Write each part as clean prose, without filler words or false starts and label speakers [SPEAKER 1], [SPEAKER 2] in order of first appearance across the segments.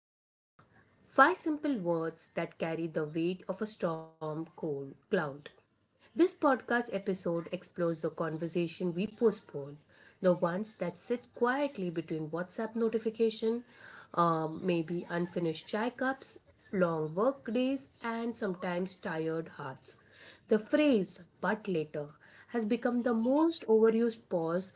[SPEAKER 1] but later. Five simple words that carry the weight of a storm cold cloud. This podcast episode explores the conversation we postpone, the ones that sit quietly between WhatsApp notification, maybe unfinished chai cups, long work days, and sometimes tired hearts. The phrase "but later" has become the most overused pause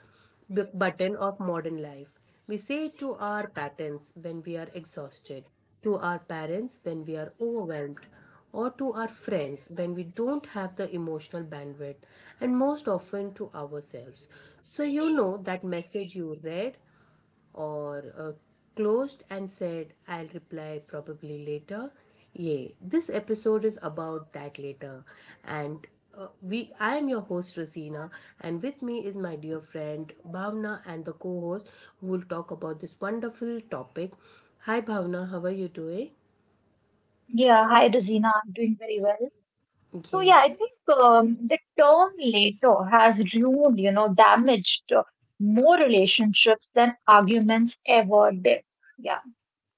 [SPEAKER 1] button of modern life. We say to our patents when we are exhausted, to our parents when we are overwhelmed, or to our friends when we don't have the emotional bandwidth, and most often to ourselves. So, you know that message you read or closed and said, "I'll reply probably later." Yay. This episode is about that later. And I am your host Rosina, and with me is my dear friend Bhavna and the co host who will talk about this wonderful topic. Hi Bhavna, how are you doing?
[SPEAKER 2] Yeah, hi Rosina, I'm doing very well. So yeah, I
[SPEAKER 1] Yes.
[SPEAKER 2] think the term later has ruined, damaged more relationships than arguments ever did. Yeah,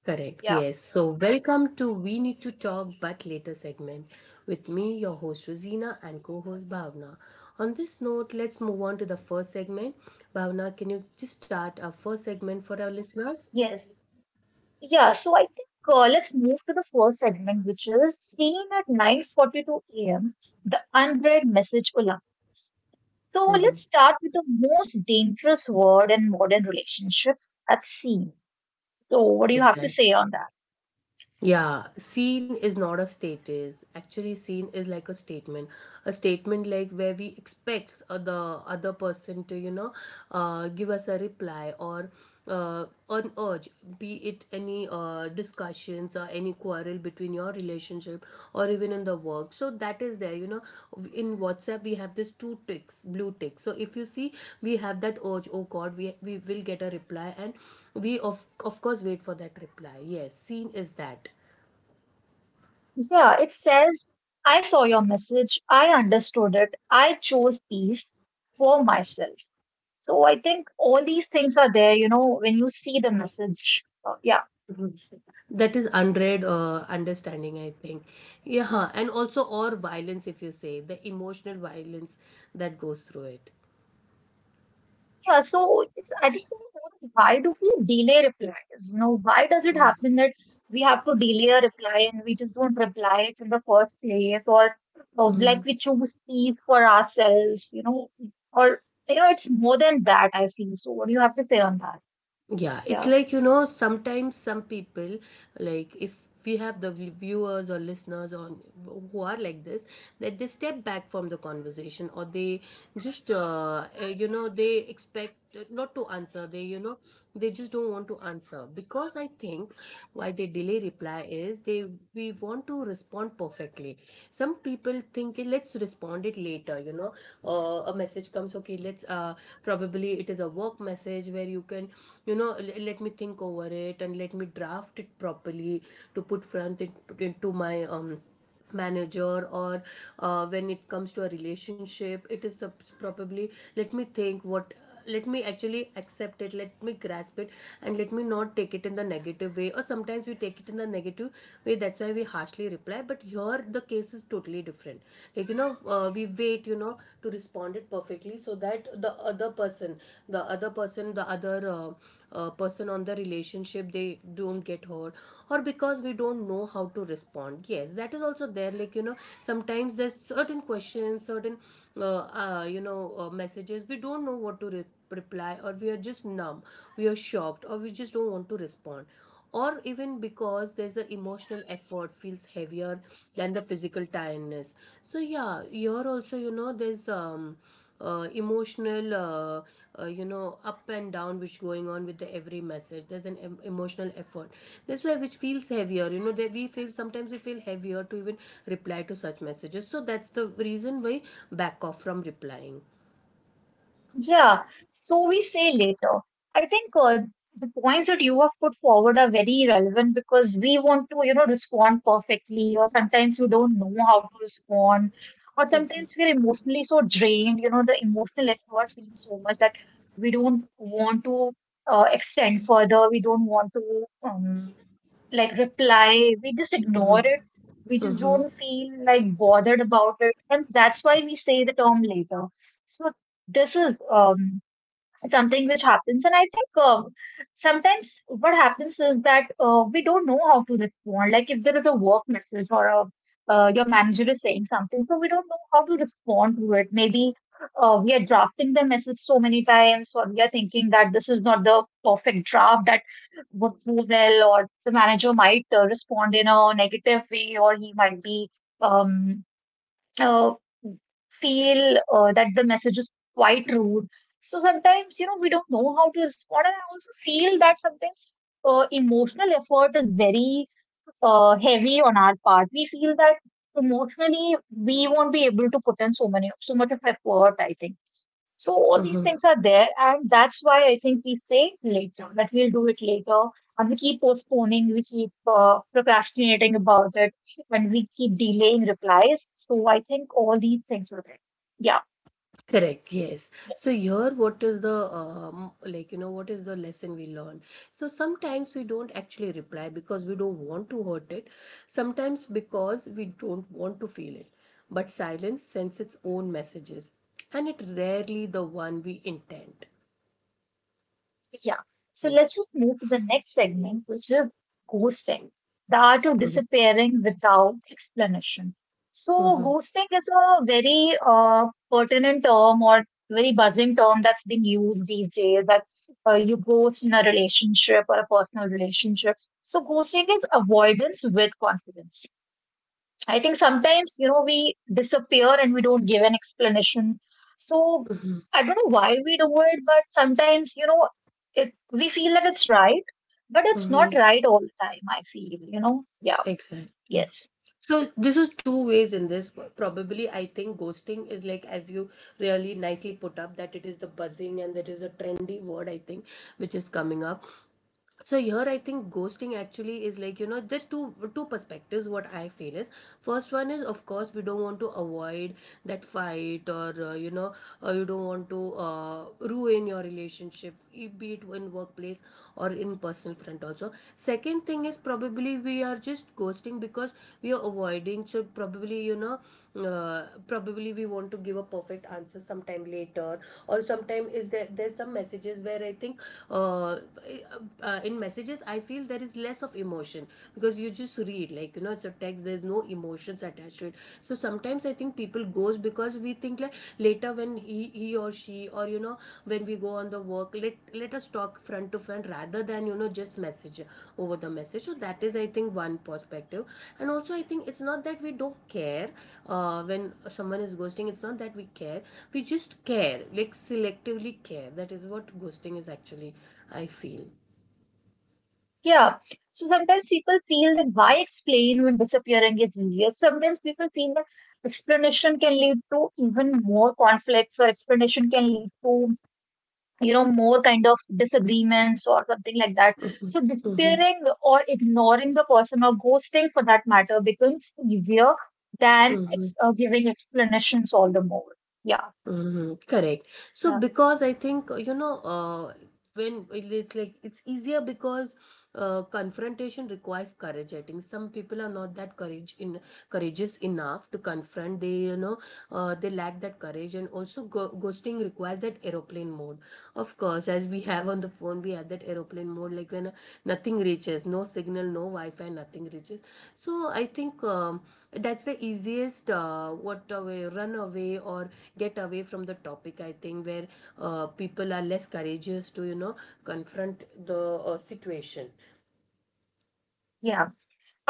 [SPEAKER 1] Correct.
[SPEAKER 2] yeah,
[SPEAKER 1] Yes. So, welcome to We Need to Talk But Later segment with me, your host Rosina, and co-host Bhavna. On this note, let's move on to the first segment. Bhavna, can you just start our first segment for our listeners?
[SPEAKER 2] yes, yeah. So I think let's move to the first segment, which is seen at 9:42 a.m. The unread message alarm. So
[SPEAKER 1] Mm-hmm.
[SPEAKER 2] let's start with the most dangerous word in modern relationships, that's seen. So what do you have to
[SPEAKER 1] Exactly.
[SPEAKER 2] say on that?
[SPEAKER 1] Yeah, scene is not a status. Actually, scene is like a statement. A statement like where we expect the other person to, you know, give us a reply or an urge, be it any discussions or any quarrel between your relationship or even in the work. So that is there, you know, in WhatsApp we have this two ticks, blue ticks. So if you see, we have that urge, oh god, we will get a reply, and we of course wait for that reply. Yes, seen is that,
[SPEAKER 2] Yeah, it says, I saw your message. I understood it. I chose peace for myself. So I think all these things are there, you know, when you see the message. Yeah.
[SPEAKER 1] that is unread understanding, I think. Yeah. And also, or violence, if you say the emotional violence that goes through it.
[SPEAKER 2] Yeah. So I just want to know, why do we delay replies? You know, why does it
[SPEAKER 1] Mhm.
[SPEAKER 2] happen that we have to delay a reply and we just don't reply it in the first place, or like
[SPEAKER 1] Mhm.
[SPEAKER 2] we choose peace for ourselves, you know, or, you know, it's more than that, I feel. So what do you have to say on that?
[SPEAKER 1] Yeah, it's
[SPEAKER 2] Yeah.
[SPEAKER 1] like, you know, sometimes some people, like if we have the viewers or listeners on who are like this, that they step back from the conversation, or they just, you know, they expect not to answer. They, you know, they just don't want to answer, because I think why they delay reply is they we want to respond perfectly. Some people think, "Eh, let's respond it later, you know, a message comes, okay let's, probably it is a work message where you can, you know, let me think over it and let me draft it properly to put front it, put into my manager, or when it comes to a relationship, it is the, probably let me think what, let me actually accept it, let me grasp it, and let me not take it in the negative way. Or sometimes we take it in the negative way, that's why we harshly reply. But here the case is totally different. Like, you know, we wait, you know, to respond it perfectly, so that the other person, the other person on the relationship, they don't get hurt, or because we don't know how to respond. Yes, that is also there. Like, you know, sometimes there's certain questions, certain you know, messages we don't know what to reply, or we are just numb, we are shocked, or we just don't want to respond, or even because there's an emotional effort, feels heavier than the physical tiredness. So yeah, you're also, you know, there's emotional you know, up and down which going on with the every message. There's an emotional effort, that's why, which feels heavier, you know, that we feel, sometimes we feel heavier to even reply to such messages. So that's the reason why back off from replying.
[SPEAKER 2] Yeah, so we say later. I think the points that you have put forward are very relevant because we want to, you know, respond perfectly, or sometimes we don't know how to respond, or sometimes we're emotionally so drained, you know, the emotional effort feels so much that we don't want to extend further, we don't want to. Like reply. We just ignore it. We just don't feel like bothered about it. And that's why we say the term later. So this is something which happens. And I think sometimes what happens is that we don't know how to respond. Like if there is a work message or a your manager is saying something, so we don't know how to respond to it. Maybe we are drafting the message so many times, or we are thinking that this is not the perfect draft that would go well, or the manager might respond in a negative way, or he might be um, uh, feel that the message is quite rude. So sometimes, you know, we don't know how to respond, and I also feel that sometimes emotional effort is very heavy on our part. We feel that emotionally we won't be able to put in so much of effort. I think so. All these things are there, and that's why I think we say later, that we'll do it later, and we keep postponing, we keep procrastinating about it, when we keep delaying replies. So I think all these things were there. Yeah.
[SPEAKER 1] Correct, yes. So
[SPEAKER 2] Yes.
[SPEAKER 1] here what is the like you know, what is the lesson we learn? So sometimes we don't actually reply because we don't want to hurt it. Sometimes because we don't want to feel it. But silence sends its own messages, and it rarely the one we intend.
[SPEAKER 2] Yeah. So
[SPEAKER 1] Yeah.
[SPEAKER 2] let's just move to the next segment, which is ghosting, the art of disappearing without explanation. So ghosting is a very pertinent term or very buzzing term that's been used these days, that you ghost in a relationship or a personal relationship. So ghosting is avoidance with confidence. I think sometimes, you know, we disappear and we don't give an explanation. So
[SPEAKER 1] Mhm.
[SPEAKER 2] I don't know why we do it, but sometimes, you know, it we feel that it's right, but it's not
[SPEAKER 1] Mhm.
[SPEAKER 2] right all the time, I feel, you know. Yeah,
[SPEAKER 1] Exactly.
[SPEAKER 2] yes.
[SPEAKER 1] So this is two ways in this. Probably, I think ghosting is, like as you really nicely put up, that it is the buzzing and that is a trendy word, I think, which is coming up. So here I think ghosting actually is, like, you know, there's two perspectives, what I feel is, first one is of course we don't want to avoid that fight, or you know, you don't want to ruin your relationship, be it in workplace or in personal front. Also, second thing is probably we are just ghosting because we are avoiding. So probably, you know, probably we want to give a perfect answer sometime later, or sometime is there, there's some messages where I think uh, in messages I feel there is less of emotion, because you just read, like, you know, it's a text, there's no emotions attached to it. So sometimes I think people goes because we think, like later when he or she, or you know, when we go on the work, let, let us talk front to front rather than, you know, just message over the message. So that is, I think, one perspective. And also I think it's not that we don't care. When someone is ghosting, it's not that we care, we just care, like selectively care. That is what ghosting is, actually, I feel.
[SPEAKER 2] Yeah. So sometimes people feel that why explain when disappearing is easier. Sometimes people feel that explanation can lead to even more conflicts, or explanation can lead to, you know, more kind of disagreements or something like that. So
[SPEAKER 1] Mm-hmm.
[SPEAKER 2] disappearing or ignoring the person or ghosting for that matter becomes easier than
[SPEAKER 1] Mm-hmm.
[SPEAKER 2] giving explanations all the more. yeah
[SPEAKER 1] Mhm, correct. So
[SPEAKER 2] uh,
[SPEAKER 1] because I think, you know, when it's like it's easier because confrontation requires courage. I think some people are not that courage in, courageous enough to confront. They, you know, they lack that courage. And also ghosting requires that aeroplane mode. Of course, as we have on the phone, we have that aeroplane mode. Like when nothing reaches, no signal, no Wi-Fi, nothing reaches. So I think that's the easiest what away, run away or get away from the topic. I think where people are less courageous to, you know, confront the situation.
[SPEAKER 2] yeah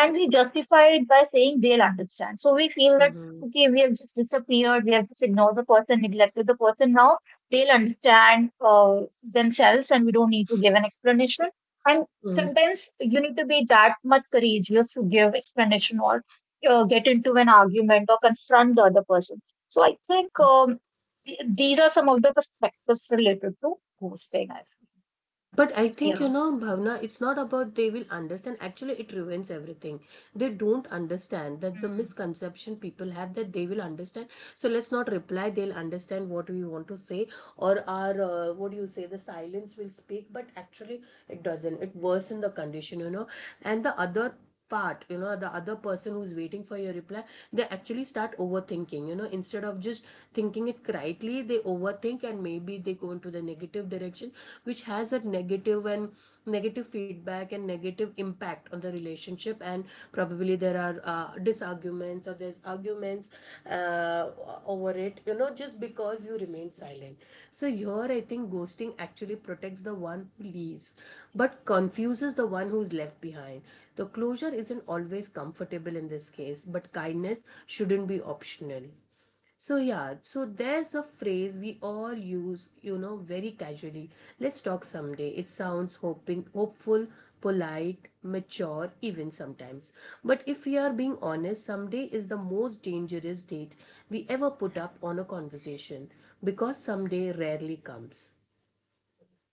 [SPEAKER 2] And we justify it by saying they'll understand. So we feel that
[SPEAKER 1] Hmm.
[SPEAKER 2] okay, we have just disappeared, we have just ignored the person, neglected the person. Now they'll understand themselves, and we don't need to give an explanation. And
[SPEAKER 1] Mhm.
[SPEAKER 2] sometimes you need to be that much courageous to give explanation or get into an argument or confront the other person. So I think these are some of the perspectives related to ghosting. I
[SPEAKER 1] But I think, you
[SPEAKER 2] feel.
[SPEAKER 1] know, Bhavna, it's not about they will understand. Actually, it ruins everything. They don't understand. That's the
[SPEAKER 2] Yeah.
[SPEAKER 1] misconception people have, that they will understand. So let's not reply, they'll understand what we want to say, or our, what do you say, the silence will speak. But actually it doesn't, it worsens the condition, you know. And the other part, you know, the other person who's waiting for your reply, they actually start overthinking, you know. Instead of just thinking it correctly, they overthink, and maybe they go into the negative direction, which has a negative feedback and negative impact on the relationship. And probably there are disarguments, or there's arguments uh, over it, you know, just because you remain silent. So here I think ghosting actually protects the one who leaves, but confuses the one who's left behind. The closure isn't always comfortable in this case, but kindness shouldn't be optional. So, yeah, so there's a phrase we all use, you know, very casually: "Let's talk someday." It sounds hoping, hopeful, polite, mature, even sometimes. But if we are being honest, someday is the most dangerous date we ever put up on a conversation, because someday rarely comes.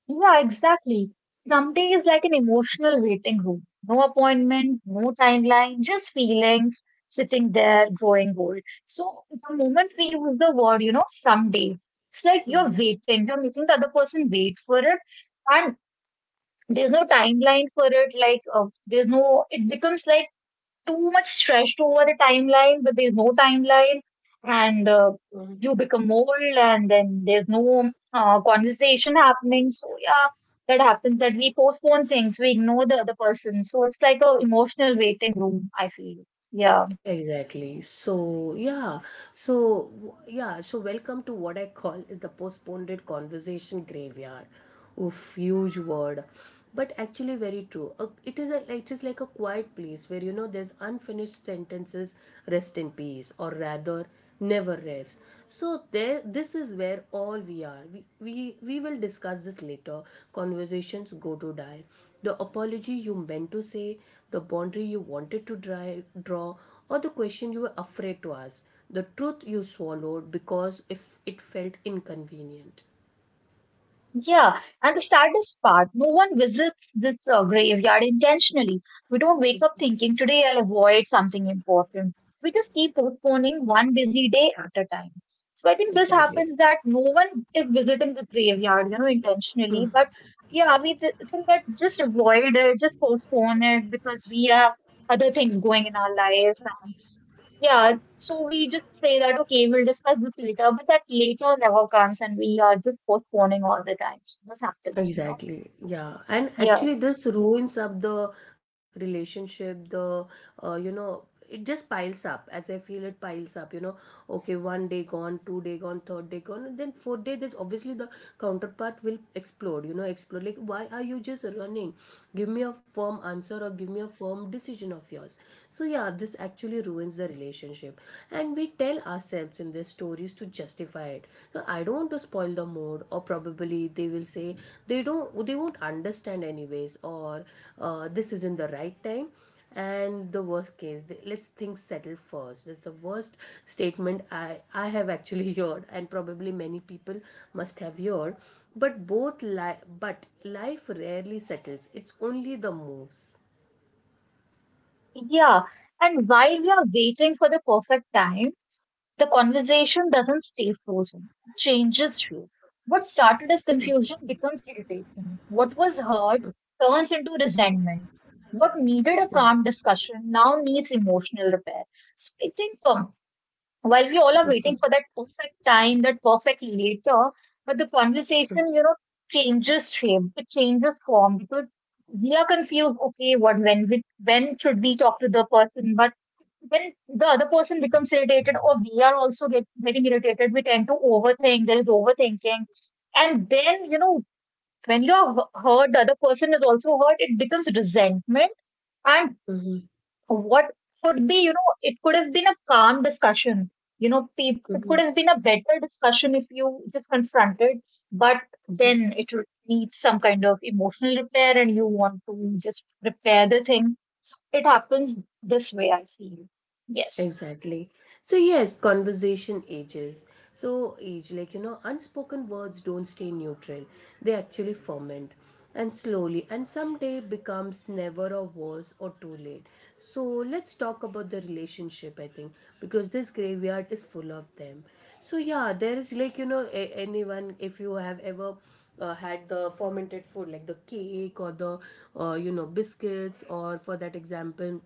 [SPEAKER 2] Yeah, exactly. Someday is like an emotional waiting room. No appointment, no timeline, just feelings sitting there growing old. So the moment we use the word, you know, someday, it's like you're
[SPEAKER 1] Mhm.
[SPEAKER 2] waiting, you're making the other person wait for it, and there's no timeline for it. Like there's no, it becomes like too much stressed over the timeline, but there's no timeline, and you become old, and then there's no conversation happening. So yeah, that happens, that we postpone things, we ignore the other person. So it's like a emotional waiting room, I feel. Yeah.
[SPEAKER 1] Exactly. So, yeah. So, yeah. So, welcome to what I call is the postponed conversation graveyard. Oof, huge word, but actually very true. It is a, it is like a quiet place where, you know, there's unfinished sentences, rest in peace, or rather, never rest. So there, this is where all we are. We will discuss this later. Conversations go to die. The apology you meant to say, the boundary you wanted to draw, or the question you were afraid to ask, the truth you swallowed because if it felt inconvenient.
[SPEAKER 2] Yeah, and the saddest part, no one visits this graveyard intentionally. We don't wake up thinking, today I'll avoid something important. We just keep postponing, one busy day at a time. So I think this happens
[SPEAKER 1] Exactly.
[SPEAKER 2] that no one is visiting the graveyard, you know, intentionally. But yeah, we think that just avoid it, just postpone it because we have other things going in our lives. Yeah, so we just say that, okay, we'll discuss this later, but that later never comes, and we are just postponing all the time. So this happens, you know?
[SPEAKER 1] Exactly. Yeah. And
[SPEAKER 2] Yeah.
[SPEAKER 1] actually, this ruins up the relationship, the, you know, it just piles up, as I feel, it piles up, you know. Okay, one day gone, two-day gone, third day gone, and then fourth day, there's obviously the counterpart will explode, you know, explode. Like, why are you just running? Give me a firm answer, or give me a firm decision of yours. So, yeah, this actually ruins the relationship. And we tell ourselves in their stories to justify it: now, I don't want to spoil the mood, or probably they will say, they don't, they won't understand anyways, or this isn't the right time. And the worst case, they, let's things settle first, that's the worst statement I have actually heard, and probably many people must have heard. But but life rarely settles, it's only the moves.
[SPEAKER 2] Yeah. And while we are waiting for the perfect time, the conversation doesn't stay frozen. It changes shape. What started as confusion becomes irritation. What was heard turns into resentment. What needed a calm discussion now needs emotional repair. So I think while we all are waiting for that perfect time, that perfect later, but the conversation, you know, changes shape, it changes form, because we are confused. Okay, what when when should we talk to the person? But when the other person becomes irritated, or we are also getting irritated, we tend to overthink. There is overthinking, and then, you know, when you are hurt, the other person is also hurt. It becomes resentment, and
[SPEAKER 1] Mm-hmm.
[SPEAKER 2] what could be, you know, it could have been a calm discussion. You know, it could have been a better discussion if you just confronted, but then it needs some kind of emotional repair, and you want to just repair the thing. So it happens this way, I feel. Yes.
[SPEAKER 1] Exactly. So yes, conversation ages. So age, unspoken words don't stay neutral. They actually ferment and slowly and someday becomes never or worse or too late. So let's talk about the relationship, I think, because this graveyard is full of them. So yeah, there is anyone if you have ever had the fermented food like the cake or the biscuits or for that example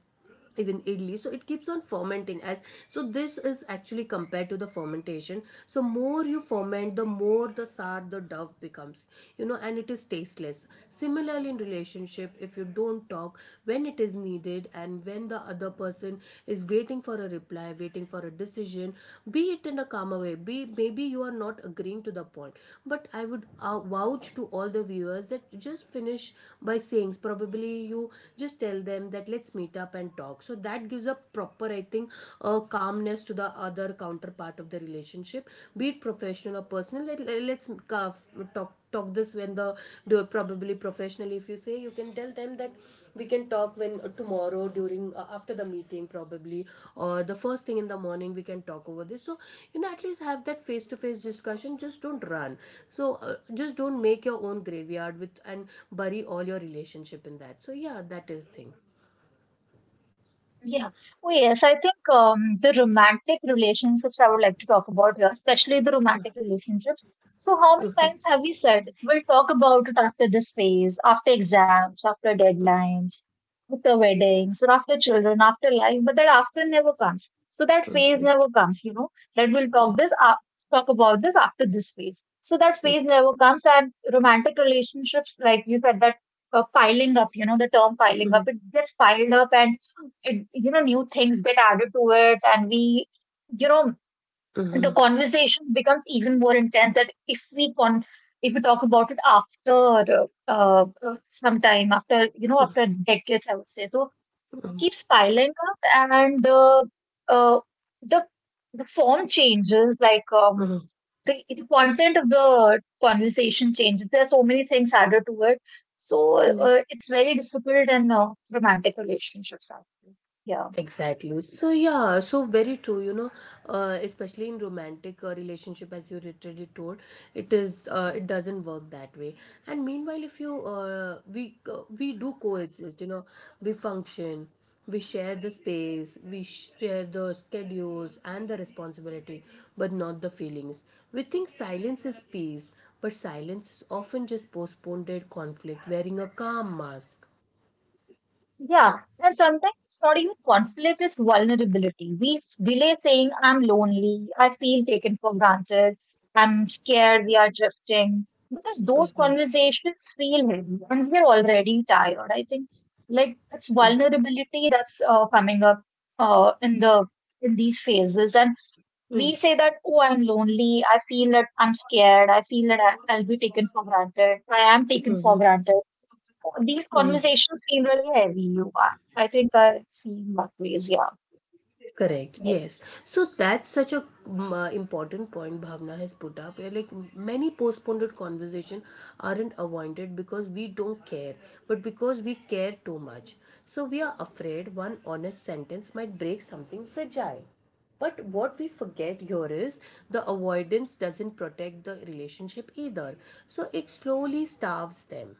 [SPEAKER 1] even idli so it keeps on fermenting as so this is actually compared to the fermentation so more you ferment the more the sad the dove becomes, you know, and it is tasteless. Similarly, in relationship, if you don't talk when it is needed and when the other person is waiting for a reply, waiting for a decision, be it in a calmer way, be maybe you are not agreeing to the point, but I would vouch to all the viewers that just finish by saying probably you just tell them that let's meet up and talk. So that gives a proper, I think, calmness to the other counterpart of the relationship, be it professional or personal. Let us talk this when the do probably professionally. If you say, you can tell them that we can talk when tomorrow during after the meeting probably, or the first thing in the morning we can talk over this. So you know, at least have that face to face discussion. Just don't run. So just don't make your own graveyard with and bury all your relationship in that. So yeah, that is the thing.
[SPEAKER 2] Yeah. Oh, yes. I think the romantic relationships I would like to talk about here, especially the romantic relationships. So, how many times have we said we'll talk about it after this phase, after exams, after deadlines, after weddings, or after children, after life, but that after never comes. So, that phase never comes, you know, that we'll talk this up, talk about this after this phase. So, that phase never comes, and romantic relationships, like you said, that piling up, you know, the term piling up,
[SPEAKER 1] Mhm,
[SPEAKER 2] it gets piled up, and it, you know, new things get added to it, and we, you know, the
[SPEAKER 1] mhm,
[SPEAKER 2] conversation becomes even more intense. That if we talk about it after some time, after, you know, after decades, I would say, so it
[SPEAKER 1] mhm,
[SPEAKER 2] keeps piling up, and uh, the the form changes, like
[SPEAKER 1] mhm,
[SPEAKER 2] the content of the conversation changes. There are so many things added to it, so
[SPEAKER 1] mhm.
[SPEAKER 2] it's very difficult in romantic relationships, actually. Yeah.
[SPEAKER 1] Exactly. So yeah, so very true, you know, especially in romantic relationship, as you literally told, it is it doesn't work that way. And meanwhile, if you we do coexist, you know, we function, we share the space, we share the schedules and the responsibility, but not the feelings. We think silence is peace, but silence is often just postponed conflict, wearing a calm mask.
[SPEAKER 2] Yeah, and sometimes it's not even conflict, it's vulnerability. We delay saying, I'm lonely, I feel taken for granted, I'm scared, we are drifting, because those
[SPEAKER 1] Mhm,
[SPEAKER 2] conversations feel heavy and we're already tired. I think like it's
[SPEAKER 1] mm,
[SPEAKER 2] vulnerability that's coming up in the in these phases, and we
[SPEAKER 1] mm,
[SPEAKER 2] say that, oh, I'm lonely, I feel that I'm scared, I feel that I'll be taken for granted, I am taken for
[SPEAKER 1] mhm,
[SPEAKER 2] granted. These
[SPEAKER 1] mm.
[SPEAKER 2] conversations feel really heavy. You are. I think I feel that ways. Yeah.
[SPEAKER 1] Correct. Yes.
[SPEAKER 2] Yes.
[SPEAKER 1] So that's such a important point Bhavna has put up. Where like many postponed conversation aren't avoided because we don't care, but because we care too much. So we are afraid one honest sentence might break something fragile. But what we forget here is the avoidance doesn't protect the relationship either. So it slowly starves them.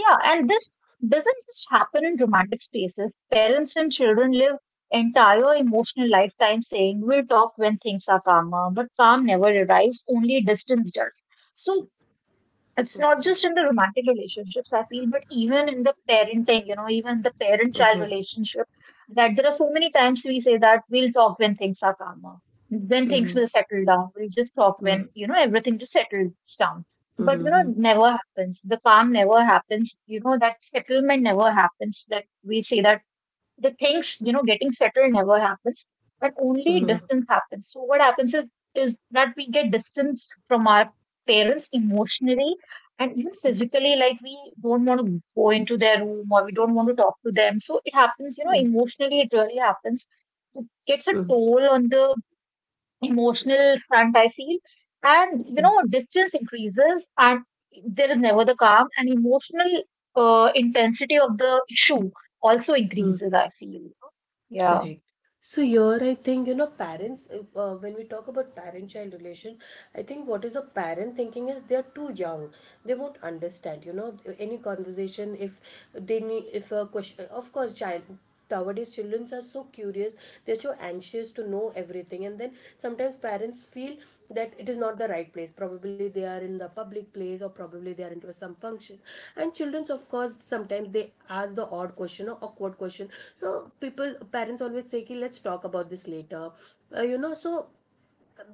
[SPEAKER 2] Yeah. And this doesn't just happen in romantic spaces. Parents and children live entire emotional lifetime saying we'll talk when things are calmer, but calm never arrives. Only distance does. So it's not
[SPEAKER 1] Okay.
[SPEAKER 2] just in the romantic relationships, I feel, but even in the parenting, you know, even the parent child relationship that there are so many times we say that we'll talk when things are calmer, when things
[SPEAKER 1] Mm-hmm.
[SPEAKER 2] will settle down, we'll just talk when,
[SPEAKER 1] Mm-hmm.
[SPEAKER 2] you know, everything just settles down. But you know,
[SPEAKER 1] Mm-hmm.
[SPEAKER 2] it never happens, the calm never happens, you know, that settlement never happens, that we say that the things, you know, getting settled never happens, but only
[SPEAKER 1] Mhm.
[SPEAKER 2] distance happens. So what happens is that we get distanced from our parents emotionally and even physically. Like we don't want to go into their room or we don't want to talk to them. So it happens, you know,
[SPEAKER 1] Mm,
[SPEAKER 2] emotionally it really happens, it gets a
[SPEAKER 1] mm,
[SPEAKER 2] toll on the emotional front, I feel. And you
[SPEAKER 1] mm,
[SPEAKER 2] know, distance increases and there is never the calm, and emotional intensity of the issue also
[SPEAKER 1] mm.
[SPEAKER 2] increases, I feel. Yeah,
[SPEAKER 1] Correct. So here I think, you know, parents, if, when we talk about parent-child relation, I think what is a parent thinking is they are too young. They won't understand, you know, any conversation if they need, if a question, of course, child, nowadays children are so curious, they're so anxious. Wishes to know everything, and then sometimes parents feel that it is not the right place, probably they are in the public place or probably they are into some function, and childrens of course sometimes they ask the odd question or awkward question. So people parents always say "Ki, let's talk about this later, you know." So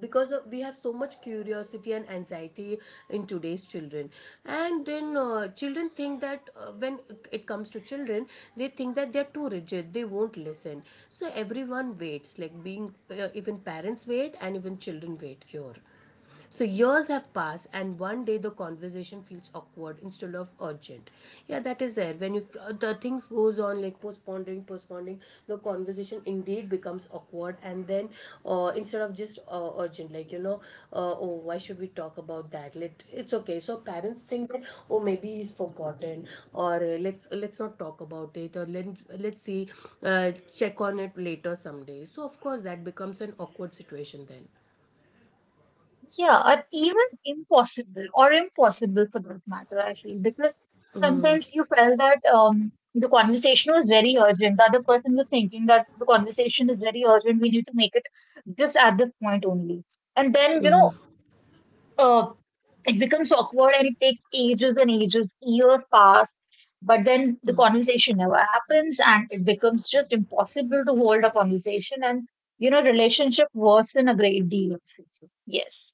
[SPEAKER 1] because of, we have so much curiosity and anxiety in today's children. And then children think that when it comes to children, they think that they're too rigid, they won't listen. So everyone waits, like being even parents wait and even children wait here. So years have passed, and one day the conversation feels awkward instead of urgent. Yeah, that is there. When you the things goes on like postponing, postponing, the conversation indeed becomes awkward, and then instead of just urgent, like you know, oh why should we talk about that? Let it's okay. So parents think that oh maybe he's forgotten, or let's not talk about it, or let's see, uh, check on it later someday. So of course that becomes an awkward situation then.
[SPEAKER 2] yeah, or even impossible, or impossible for that matter, I feel, because sometimes you felt that the conversation was very urgent. The other person was thinking that the conversation is very urgent. We need to make it just at this point only. And then, you know, uh, it becomes awkward and it takes ages and ages, years pass. But then the conversation never happens and it becomes just impossible to hold a conversation. And, you know, relationship worsen a great deal. Yes.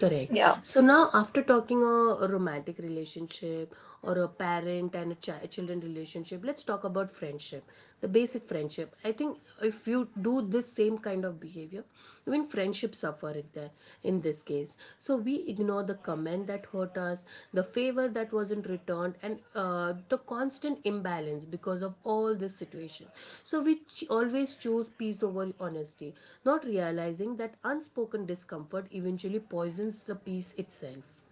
[SPEAKER 1] Correct.
[SPEAKER 2] Yeah,
[SPEAKER 1] So now, after talking a romantic relationship or a parent and a child children relationship, let's talk about friendship, the basic friendship. I think if you do this same kind of behavior, even friendships suffer it there in this case. So we, you know, the comment that hurt us, the favor that wasn't returned, and the constant imbalance because of all this situation. So we always choose peace over honesty, not realizing that unspoken discomfort eventually poisons the peace itself.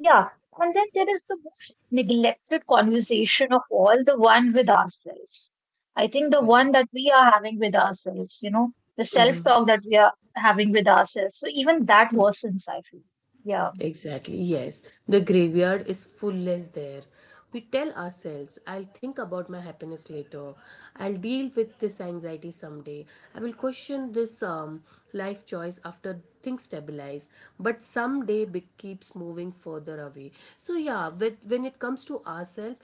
[SPEAKER 2] yeah. And then there is the most neglected conversation of all, the one with ourselves. I think the one
[SPEAKER 1] Correct.
[SPEAKER 2] that we are having with ourselves, you know, the self talk that we are having with ourselves. So even that worsens, I feel. Yeah,
[SPEAKER 1] Exactly, yes. The graveyard is fullless there. We tell ourselves, I'll think about my happiness later. I'll deal with this anxiety someday. I will question this life choice after things stabilize. But someday keeps moving further further away. So yeah with, when it comes to ourselves,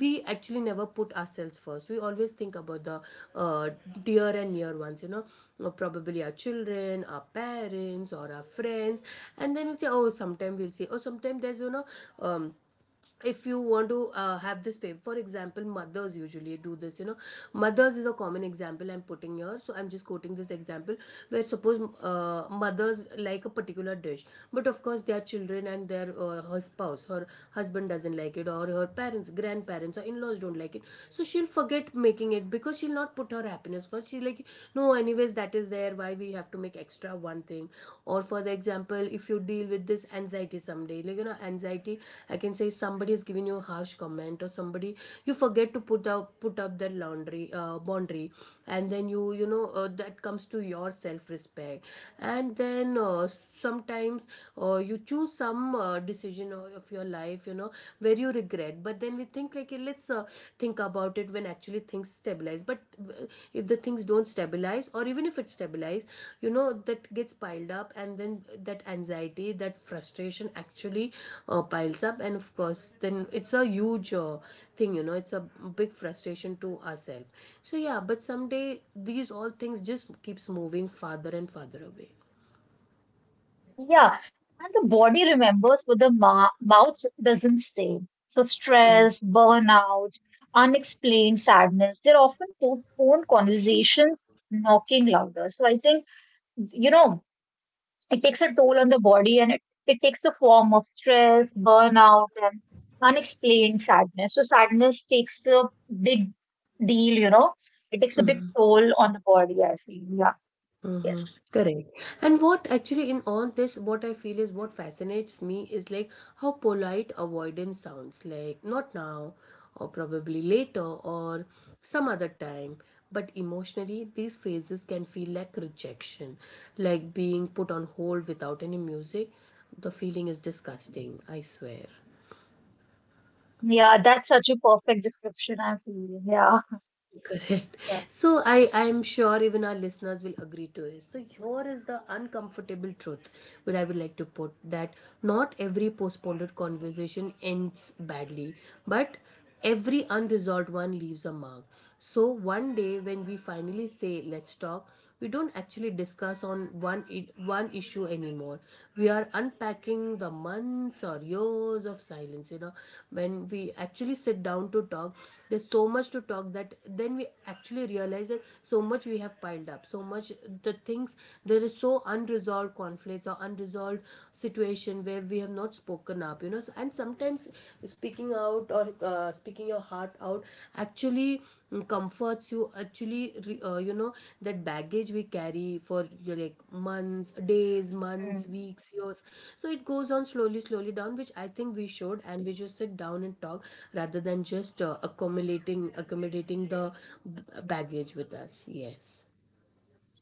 [SPEAKER 1] we actually never put ourselves first. We always think about the uh, dear and near ones, you know, probably our children, our parents, or our friends. And then we'll say oh sometime, we'll say oh sometime there's you know, um if you want to have this fame, for example mothers usually do this, you know, mothers is a common example I'm putting here, so I'm just quoting this example. Where suppose mothers like a particular dish, but of course their children and their her spouse, her husband doesn't like it, or her parents, grandparents or in-laws don't like it. So she'll forget making it because she'll not put her happiness first. She'll like no anyways that is there, why we have to make extra one thing. Or for the example, if you deal with this anxiety someday, like you know anxiety, I can say somebody is giving you a harsh comment or somebody you forget to put up that laundry boundary, and then you know that comes to your self respect. And then sometimes you choose some decision of your life, you know, where you regret. But then we think like eh, let's think about it when actually things stabilize. But if the things don't stabilize or even if it stabilize, you know that gets piled up, and then that anxiety, that frustration actually piles up, and of course then it's a huge thing, you know, it's a big frustration to ourselves. So yeah, but someday these all things just keeps moving farther and farther away.
[SPEAKER 2] yeah. And the body remembers what the mouth doesn't say. So stress, burnout, unexplained sadness, they're often postponed conversations knocking louder. So I think, you know, it takes a toll on the body, and it takes the form of stress, burnout, and unexplained sadness. So, sadness takes a big deal, you know, it takes a big toll on the body, I feel. Yeah,
[SPEAKER 1] Mm-hmm.
[SPEAKER 2] yes.
[SPEAKER 1] Correct. And what actually in all this, what I feel is what fascinates me is like how polite avoidance sounds like not now, or probably later, or some other time. But emotionally, these phases can feel like rejection, like being put on hold without any music. The feeling is disgusting, I swear.
[SPEAKER 2] Yeah, that's such a perfect description, I'm feeling. Yeah,
[SPEAKER 1] Correct.
[SPEAKER 2] yeah.
[SPEAKER 1] So I'm sure even our listeners will agree to it. So here is the uncomfortable truth which I would like to put, that not every postponed conversation ends badly, but every unresolved one leaves a mark. So one day when we finally say let's talk, we don't actually discuss on one issue anymore. We are unpacking the months or years of silence, you know, when we actually sit down to talk, there's so much to talk that then we actually realize that so much we have piled up, so much the things. There is so unresolved conflicts or unresolved situation where we have not spoken up, you know. So, and sometimes speaking out or speaking your heart out actually comforts you, actually you know, that baggage we carry for you know, like months, days,
[SPEAKER 2] Hmm.
[SPEAKER 1] months, weeks, years. So it goes on slowly slowly down, which I think we should, and we just sit down and talk rather than just accumulating, accommodating the baggage with us. Yes.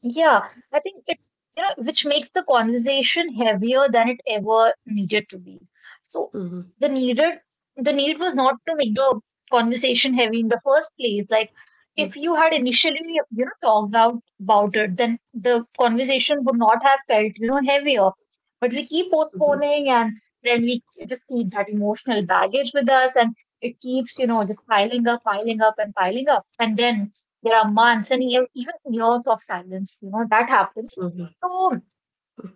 [SPEAKER 2] Yeah, I think it, you know, which makes the conversation heavier than it ever needed to be. So the needed, the need was not to make the conversation heavy in the first place. Like
[SPEAKER 1] Hmm.
[SPEAKER 2] if you had initially, you know, talked out about it, then the conversation would not have felt, you know, heavier. But we keep postponing and then we just keep that emotional baggage with us, and it keeps, you know, just piling up, piling up. And then there are months and year, even years of silence, you know, that happens. So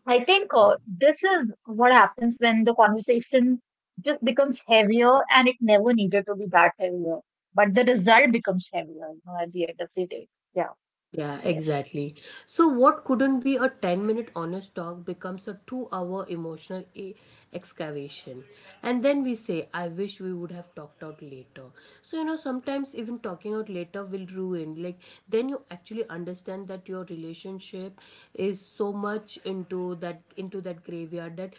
[SPEAKER 2] I think this is what happens when the conversation just becomes heavier and it never needed to be that heavier. But the result becomes heavier, you know, at the end of the day. Yeah,
[SPEAKER 1] Yeah,
[SPEAKER 2] yes.
[SPEAKER 1] exactly. So, what couldn't be a 10-minute honest talk becomes a two-hour emotional excavation. And then we say, I wish we would have talked out later. So, you know, sometimes even talking out later will ruin. Like, then you actually understand that your relationship is so much into that graveyard that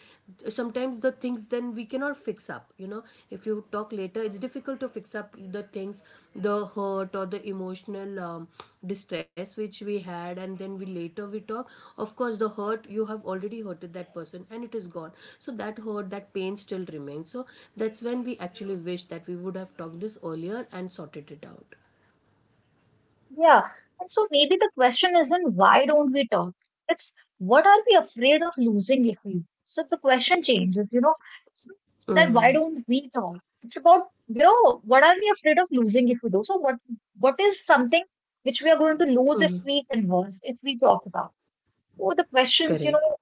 [SPEAKER 1] sometimes the things then we cannot fix up, you know. If you talk later it's difficult to fix up the things, the hurt or the emotional distress which we had, and then we later we talk, of course the hurt, you have already hurted that person and it is gone. So that hurt, that pain still remains. So that's when we actually wish that we would have talked this earlier and sorted it out.
[SPEAKER 2] Yeah. And so maybe the question isn't why don't we talk? It's what are we afraid of losing if we? So the question changes, you know, it's not that why
[SPEAKER 1] Mm-hmm.
[SPEAKER 2] don't we talk? It's about, you know, what are we afraid of losing if we do? So what is something which we are going to lose if
[SPEAKER 1] Mm-hmm.
[SPEAKER 2] we converse, if we talk about? Oh, the questions, you
[SPEAKER 1] Correct.
[SPEAKER 2] know,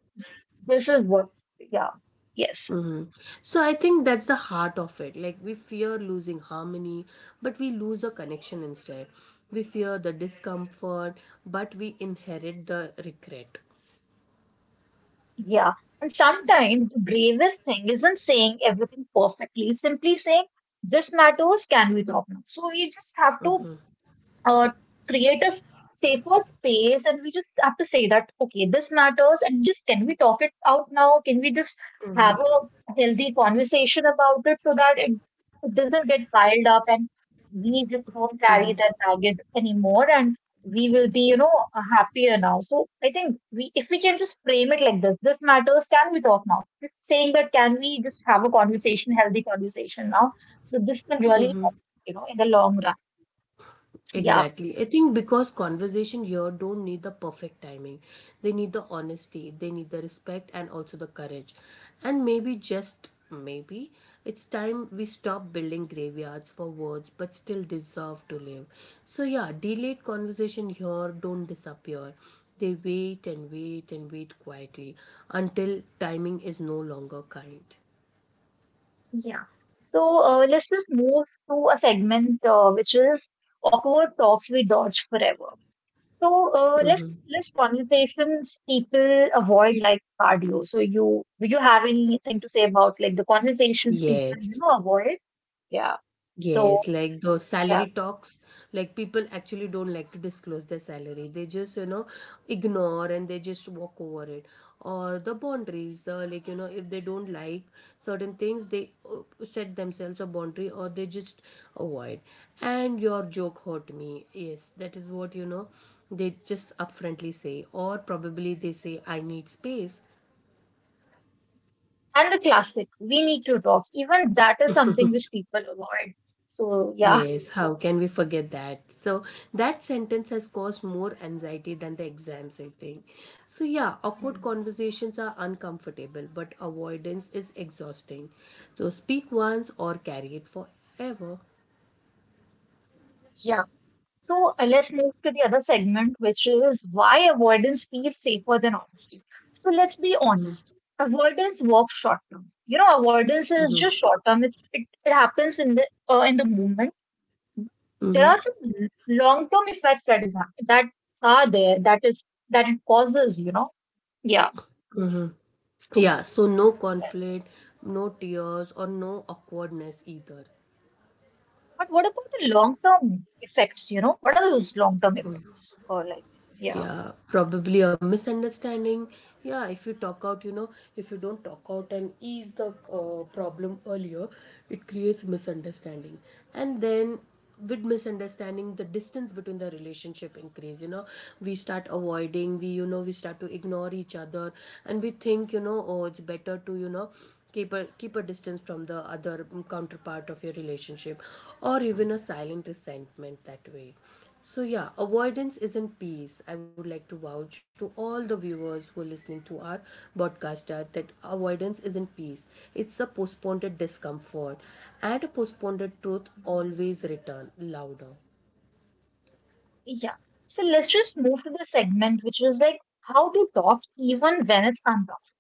[SPEAKER 2] this is what, yeah, yes.
[SPEAKER 1] Hmm. So I think that's the heart of it. Like we fear losing harmony, but we lose a connection instead. We fear the discomfort, but we inherit the regret.
[SPEAKER 2] Yeah. And sometimes the bravest thing isn't saying everything perfectly, it's simply saying this matters, can we talk now? So we just have to uh, create a safer space, and we just have to say that okay, this matters and just can we talk it out now, can we just have a healthy conversation about it, so that it doesn't get piled up and we just don't carry that baggage anymore and we will be, you know, happier now. So I think we, if we can just frame it like this matters, can we talk now? Just saying that, can we just have a conversation, healthy conversation now, so this can really help, you know, in the long run. Yeah.
[SPEAKER 1] Exactly. I think because conversation here don't need the perfect timing. They need the honesty, they need the respect and also the courage. And maybe just maybe it's time we stop building graveyards for words but still deserve to live. So yeah, delayed conversation here don't disappear. They wait and wait and wait quietly until timing is no longer kind.
[SPEAKER 2] Yeah. So let's just move to a segment which is awkward talks we dodge forever. So let's
[SPEAKER 1] Mm-hmm.
[SPEAKER 2] conversations people avoid like cardio. So you do you have anything to say about like the conversations people, you
[SPEAKER 1] Yes.
[SPEAKER 2] know, avoid? Yeah. So
[SPEAKER 1] Yes, like those
[SPEAKER 2] yeah,
[SPEAKER 1] salary talks, like people actually don't like to disclose their salary. They just, ignore and they just walk over it. Or the boundaries, the like, you know, if they don't like certain things, they set themselves a boundary or they just avoid. And your joke hurt me. Yes, that is what, they just upfrontly say. Or probably they say, I need space.
[SPEAKER 2] and the classic we need to talk. Even that is something which people avoid. So yeah.
[SPEAKER 1] Yes, how can we forget that? So that sentence has caused more anxiety than the exams, I think. So yeah, awkward
[SPEAKER 2] Mm.
[SPEAKER 1] conversations are uncomfortable, but avoidance is exhausting. So speak once or carry it forever.
[SPEAKER 2] Yeah. So let's move to the other segment, which is why avoidance feels safer than honesty. So let's be honest. Avoidance works short term. You know, avoidance is just short term. It's it, it happens in the moment. There
[SPEAKER 1] hmm
[SPEAKER 2] are some long term effects that is that are there. That is that it causes. You know, yeah.
[SPEAKER 1] Yeah, so no
[SPEAKER 2] Yes.
[SPEAKER 1] conflict, no tears, or no awkwardness either.
[SPEAKER 2] But what about the long term effects? You know, what are those long term effects? Or like, yeah.
[SPEAKER 1] Yeah, probably a misunderstanding. Yeah, if you talk out, if you don't talk out and ease the problem earlier, it creates misunderstanding. And then with misunderstanding, the distance between the relationship increase, you know, we start avoiding, we you know we start to ignore each other. And we think, you know, oh, it's better to, keep a keep a distance from the other counterpart of your relationship, or even a silent resentment that way. So, yeah, avoidance isn't peace. I would like to vouch to all the viewers who are listening to our podcast that, avoidance isn't peace. It's a postponed discomfort, and a postponed truth always return louder.
[SPEAKER 2] Yeah. So let's just move to the segment, which is like how to talk even when it's uncomfortable.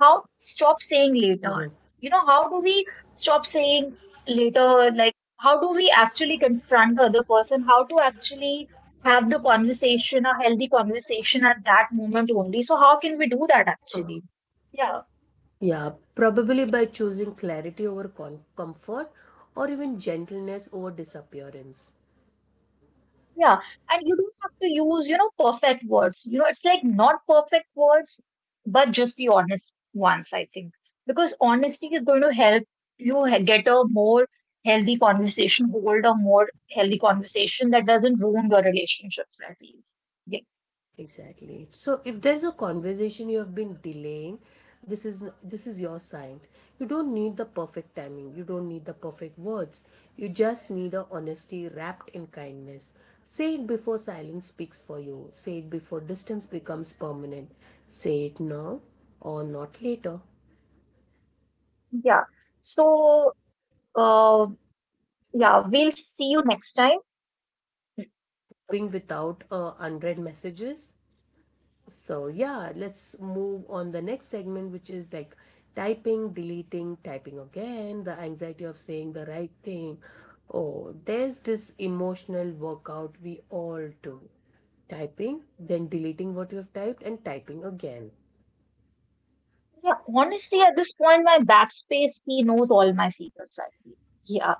[SPEAKER 2] How to stop saying later. You know, how do we stop saying later? Like, how do we actually confront the other person? How to actually have the conversation, a healthy conversation at that moment only? So, how can we do that
[SPEAKER 1] Uh,
[SPEAKER 2] actually? Yeah.
[SPEAKER 1] Yeah, probably by choosing clarity over comfort, or even gentleness over disappearance.
[SPEAKER 2] Yeah, and you don't have to use, you know, perfect words. You know, it's like not perfect words, but just the honest ones, I think. Because honesty is going to help you get a more healthy conversation, hold a more healthy conversation that doesn't ruin your relationships, I feel. Yeah.
[SPEAKER 1] Exactly. So if there's a conversation you have been delaying, this is your sign. You don't need the perfect timing. You don't need the perfect words. You just need a honesty wrapped in kindness. Say it before silence speaks for you. Say it before distance becomes permanent. Say it now or not later.
[SPEAKER 2] Yeah. So, uh, yeah, we'll see you next time.
[SPEAKER 1] Being without unread messages. So yeah, let's move on the next segment, which is like typing, deleting, typing again, the anxiety of saying the right thing. Oh, there's this emotional workout we all do. Typing, then deleting what you have typed and typing again.
[SPEAKER 2] Yeah, honestly, at this point, my backspace key knows all my secrets, I feel. Yeah.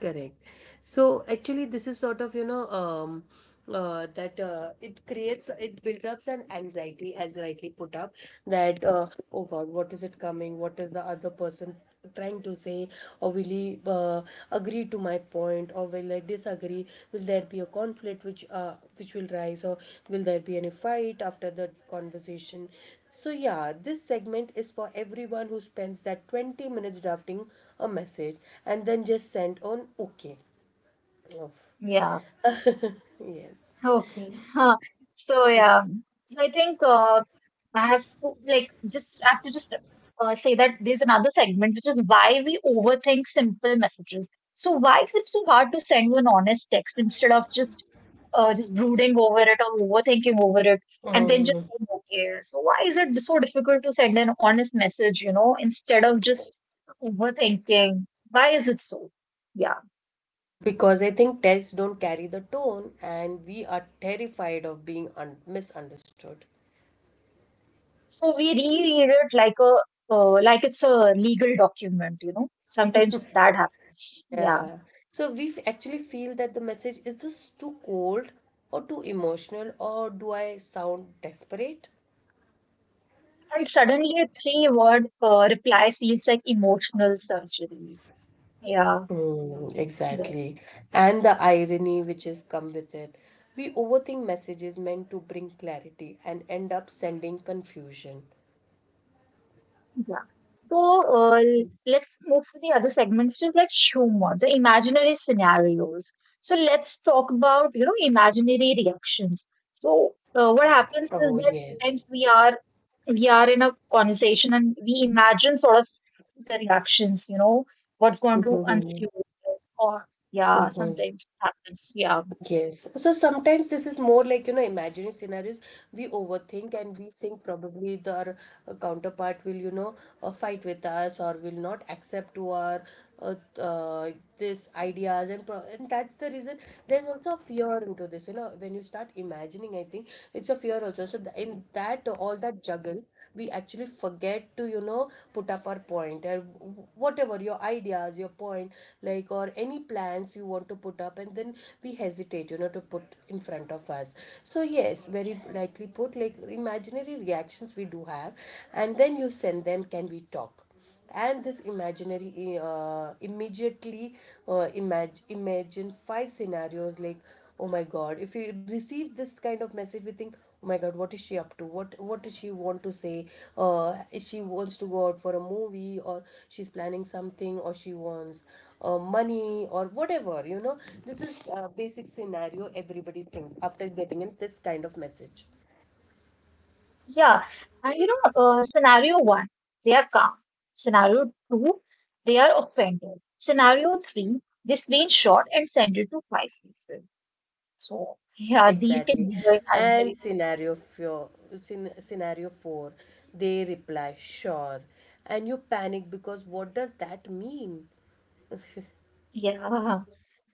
[SPEAKER 1] Correct. So actually, this is sort of, you know, that it creates, it builds up an anxiety, as rightly put up, that oh God, what is it coming? What is the other person trying to say? Or will he agree to my point, or will I disagree? Will there be a conflict which which will rise, or will there be any fight after the conversation? So, yeah, this segment is for everyone who spends that 20 minutes drafting a message and then just sent on OK. Oof.
[SPEAKER 2] Yeah.
[SPEAKER 1] Yes.
[SPEAKER 2] Okay. Huh. So yeah, I think I have to like just I have to just say that there's another segment which is why we overthink simple messages. So why is it so hard to send an honest text instead of just brooding over it or overthinking over it and then just saying, okay. So why is it so difficult to send an honest message, you know, instead of just overthinking? Why is it so? Yeah.
[SPEAKER 1] Because I think texts don't carry the tone and we are terrified of being misunderstood.
[SPEAKER 2] So we reread it like a like it's a legal document, you know. Sometimes that happens. Yeah.
[SPEAKER 1] Yeah. So we actually feel that the message is this too cold or too emotional, or do I sound desperate?
[SPEAKER 2] And suddenly a three word reply feels like emotional surgery. Yeah.
[SPEAKER 1] Mm,
[SPEAKER 2] Yeah.
[SPEAKER 1] exactly. And the irony which has come with it. We overthink messages meant to bring clarity and end up sending confusion.
[SPEAKER 2] Yeah. So let's move to the other segment, which is like humor, the imaginary scenarios. So let's talk about, you know, imaginary reactions. So what
[SPEAKER 1] Oh,
[SPEAKER 2] happens is that
[SPEAKER 1] yes.
[SPEAKER 2] sometimes we are in a conversation and we imagine sort of the reactions, you know, what's going to ensue or yeah,
[SPEAKER 1] Mm-hmm.
[SPEAKER 2] sometimes happens. Yeah.
[SPEAKER 1] Yes. So sometimes this is more like, you know, imaginary scenarios. We overthink and we think probably the our counterpart will, fight with us or will not accept to our uh, uh, this ideas and pro, and that's the reason. There's also a fear into this, you know, when you start imagining, I think it's a fear also. So th in that all that juggle, we actually forget to, you know, put up our point, or whatever your ideas, your point, like, or any plans you want to put up, and then we hesitate, you know, to put in front of us. So yes, very rightly put, like imaginary reactions we do have. And then you send them, can we talk? And this imaginary immediately imagine 5 scenarios, like, oh my god, if we receive this kind of message, we think, oh my god, what is she up to, what does she want to say? If she wants to go out for a movie, or she's planning something, or she wants money, or whatever, you know, this is a basic scenario everybody thinks after getting in this kind of message.
[SPEAKER 2] Yeah, and you know, scenario one, they are calm. Scenario two, they are offended. Scenario three, they screenshot and send it to five people. So, yeah, these can
[SPEAKER 1] Exactly.
[SPEAKER 2] be the
[SPEAKER 1] And
[SPEAKER 2] imaginary
[SPEAKER 1] scenario 4, scenario 4, they reply, sure. And you panic because what does that mean?
[SPEAKER 2] scenario. Yeah,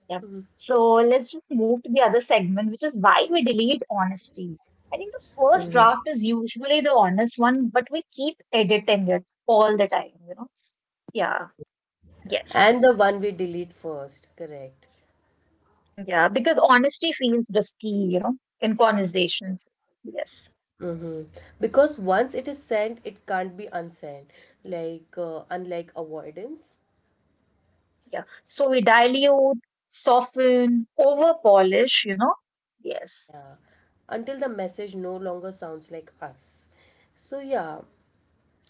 [SPEAKER 2] yeah. So let's just move to the other segment, which is why we delete honesty. I think the first draft is usually the honest one, but we keep editing it all the time, you know? Yeah, yes.
[SPEAKER 1] And the one we delete first, correct.
[SPEAKER 2] Yeah, because honesty feels risky, you know, in
[SPEAKER 1] Exactly.
[SPEAKER 2] conversations. Yes.
[SPEAKER 1] Mm-hmm. Because once it is sent, it can't be unsent, like unlike avoidance.
[SPEAKER 2] Yeah. So we dilute, soften, over polish, you know. Yes.
[SPEAKER 1] Yeah. Until the message no longer sounds like us. So, yeah,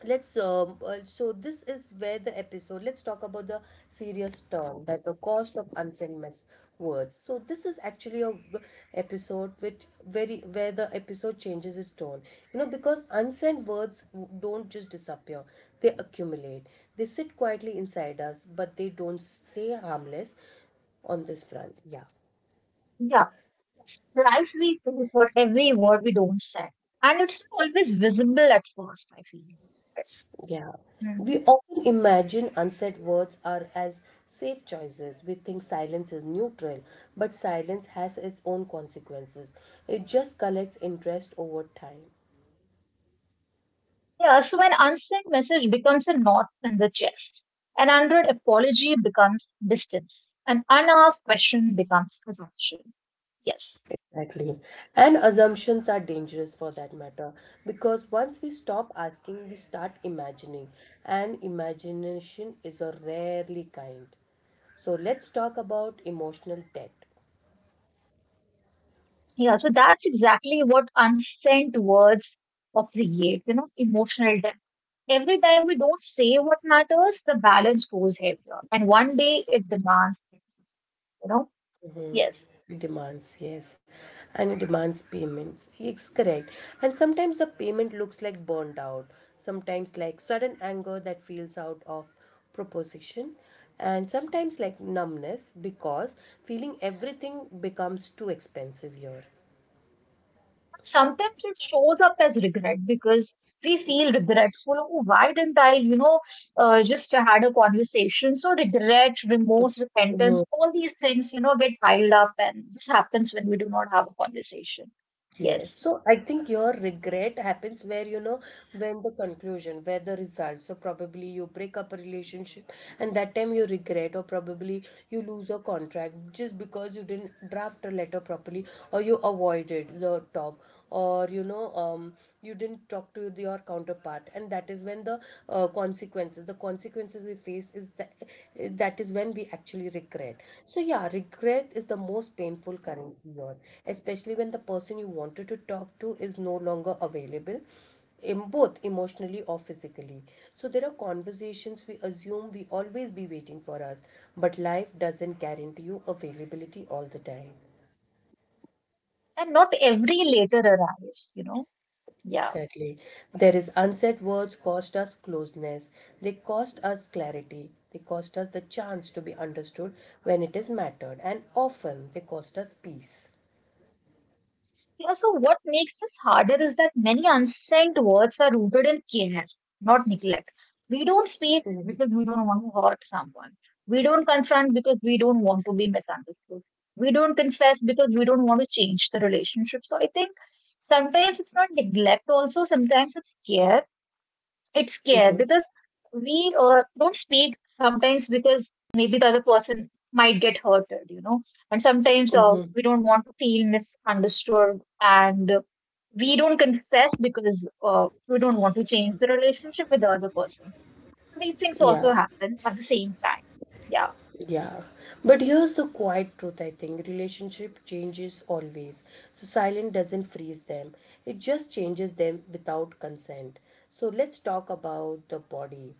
[SPEAKER 1] let's this is where the episode, let's talk about the serious term, that the cost of unfamous words. So this is actually a episode which very where the episode changes its tone, you know, because unsent words don't just disappear. They accumulate. They sit quietly inside us, but they don't stay harmless on this front.
[SPEAKER 2] Yeah. Price we pay for every word we don't say. And it's not always visible at first, I feel. Yes.
[SPEAKER 1] Yeah,
[SPEAKER 2] Hmm.
[SPEAKER 1] we often imagine unsaid words are as safe choices. We think silence is neutral, but silence has its own consequences. It just collects interest over time.
[SPEAKER 2] Yeah. So an unsent message becomes a knot in the chest. An hundred apology becomes distance. An unasked question becomes assumption. Yes.
[SPEAKER 1] Exactly. And assumptions are dangerous for that matter, because once we stop asking, we start imagining, and imagination is a rarely kind. So let's talk about emotional debt.
[SPEAKER 2] Yeah, so that's exactly what unsent words of the create, you know, emotional depth. Every time we don't say what matters, the balance goes heavier. And one day it demands, it, you know, yes.
[SPEAKER 1] Demands, yes. And it demands payments, it's correct. And sometimes the payment looks like burnt out, sometimes like sudden anger that feels out of proposition, and sometimes like numbness because feeling everything becomes too expensive here.
[SPEAKER 2] Sometimes it shows up as regret because we feel regretful. Oh, why didn't I, you know, just had a conversation? So regret, remorse, repentance, all these things, you know, get piled up and this happens when we do not have a conversation.
[SPEAKER 1] Yes,
[SPEAKER 2] Yes.
[SPEAKER 1] so I think your regret happens where, you know, when the conclusion, where the result. So probably you break up a relationship, and that time you regret, or probably you lose a contract just because you didn't draft a letter properly, or you avoided the talk, or you didn't talk to your counterpart, and that is when the consequences we face is that, that is when we actually regret. So yeah, regret is the most painful currency here, especially when the person you wanted to talk to is no longer available, both emotionally or physically. So there are conversations we assume we always be waiting for us, but life doesn't guarantee you availability all the time.
[SPEAKER 2] And not every letter arrives, you know. Yeah.
[SPEAKER 1] Exactly. There is unsaid words cost us closeness. They cost us clarity. They cost us the chance to be understood when it is mattered. And often they cost us peace.
[SPEAKER 2] Yeah, so what makes this harder is that many unsent words are rooted in care, not neglect. We don't speak because we don't want to hurt someone. We don't confront because we don't want to be misunderstood. We don't confess because we don't want to change the relationship. So I think sometimes it's not neglect also, sometimes it's care, it's scared
[SPEAKER 1] Mm-hmm.
[SPEAKER 2] because we don't speak sometimes because maybe the other person might get hurted, you know. And sometimes
[SPEAKER 1] Mm-hmm.
[SPEAKER 2] we don't want to feel misunderstood and we don't confess because we don't want to change the relationship with the other person. These things
[SPEAKER 1] Yeah.
[SPEAKER 2] also happen at the same time. Yeah.
[SPEAKER 1] Yeah. But here's the quiet truth, I think relationship changes always. So silence doesn't freeze them, it just changes them without consent. So let's talk about the body.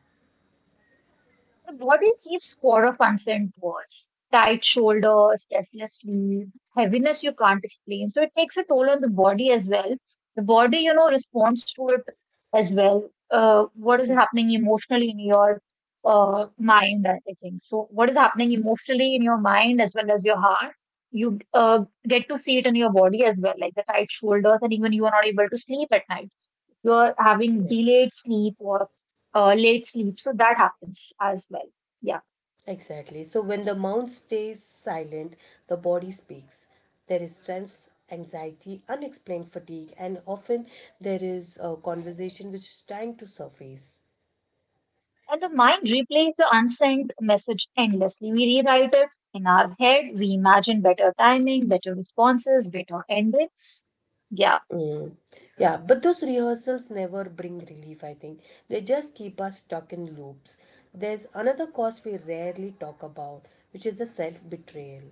[SPEAKER 2] The body keeps score of unsent words. Tight shoulders, restless sleep, heaviness you can't explain. So it takes a toll on the body as well. The body, you know, responds to it as well. What is happening emotionally in your mind, I think. So what is happening emotionally in your mind as well as your heart, you get to see it in your body as well, like the tight shoulders, and even you are not able to sleep at night, you're having
[SPEAKER 1] Right.
[SPEAKER 2] delayed sleep or late sleep. So that happens as well. Yeah.
[SPEAKER 1] Exactly. So when the mouth stays silent, the body speaks. There is stress, anxiety, unexplained fatigue, and often there is a conversation which is trying to surface.
[SPEAKER 2] And the mind replays the unsent message endlessly. We rewrite it in our head. We imagine better timing, better responses, better endings. Yeah.
[SPEAKER 1] Mm. Yeah, but those rehearsals never bring relief, I think. They just keep us stuck in loops. There's another cause we rarely talk about, which is the self betrayal.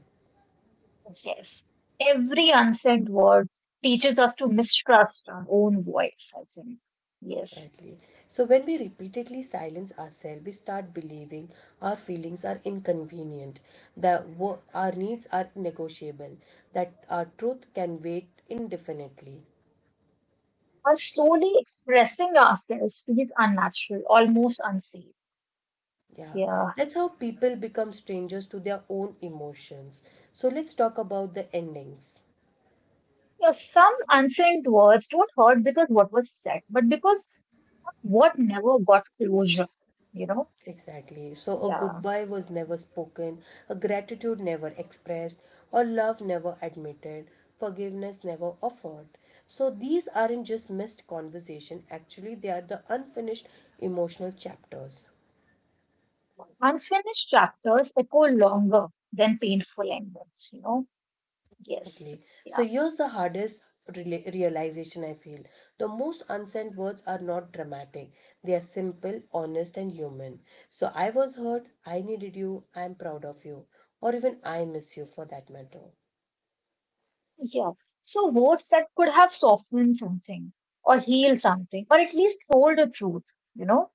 [SPEAKER 2] Yes. Every unsent word teaches us to mistrust our own voice, I think. Yes.
[SPEAKER 1] Exactly. So, when we repeatedly silence ourselves, we start believing our feelings are inconvenient, that our needs are negotiable, that our truth can wait indefinitely.
[SPEAKER 2] And slowly expressing ourselves feels unnatural, almost unsafe.
[SPEAKER 1] Yeah.
[SPEAKER 2] Yeah.
[SPEAKER 1] That's how people become strangers to their own emotions. So, let's talk about the endings.
[SPEAKER 2] Yeah, some unsaid words don't hurt because what was said, but because of what never got closure, you know?
[SPEAKER 1] Exactly. So a
[SPEAKER 2] Yeah.
[SPEAKER 1] goodbye was never spoken, a gratitude never expressed, or love never admitted, forgiveness never offered. So these aren't just missed conversation, actually they are the unfinished emotional chapters.
[SPEAKER 2] Unfinished chapters echo longer than painful endings, you know? Yes.
[SPEAKER 1] Exactly.
[SPEAKER 2] Yeah.
[SPEAKER 1] So here's the hardest realization I feel. The most unsent words are not dramatic. They are simple, honest and human. So I was hurt, I needed you, I'm proud of you, or even I miss you for that matter.
[SPEAKER 2] Yeah. So words that could have softened something or healed something or at least told the truth, you know?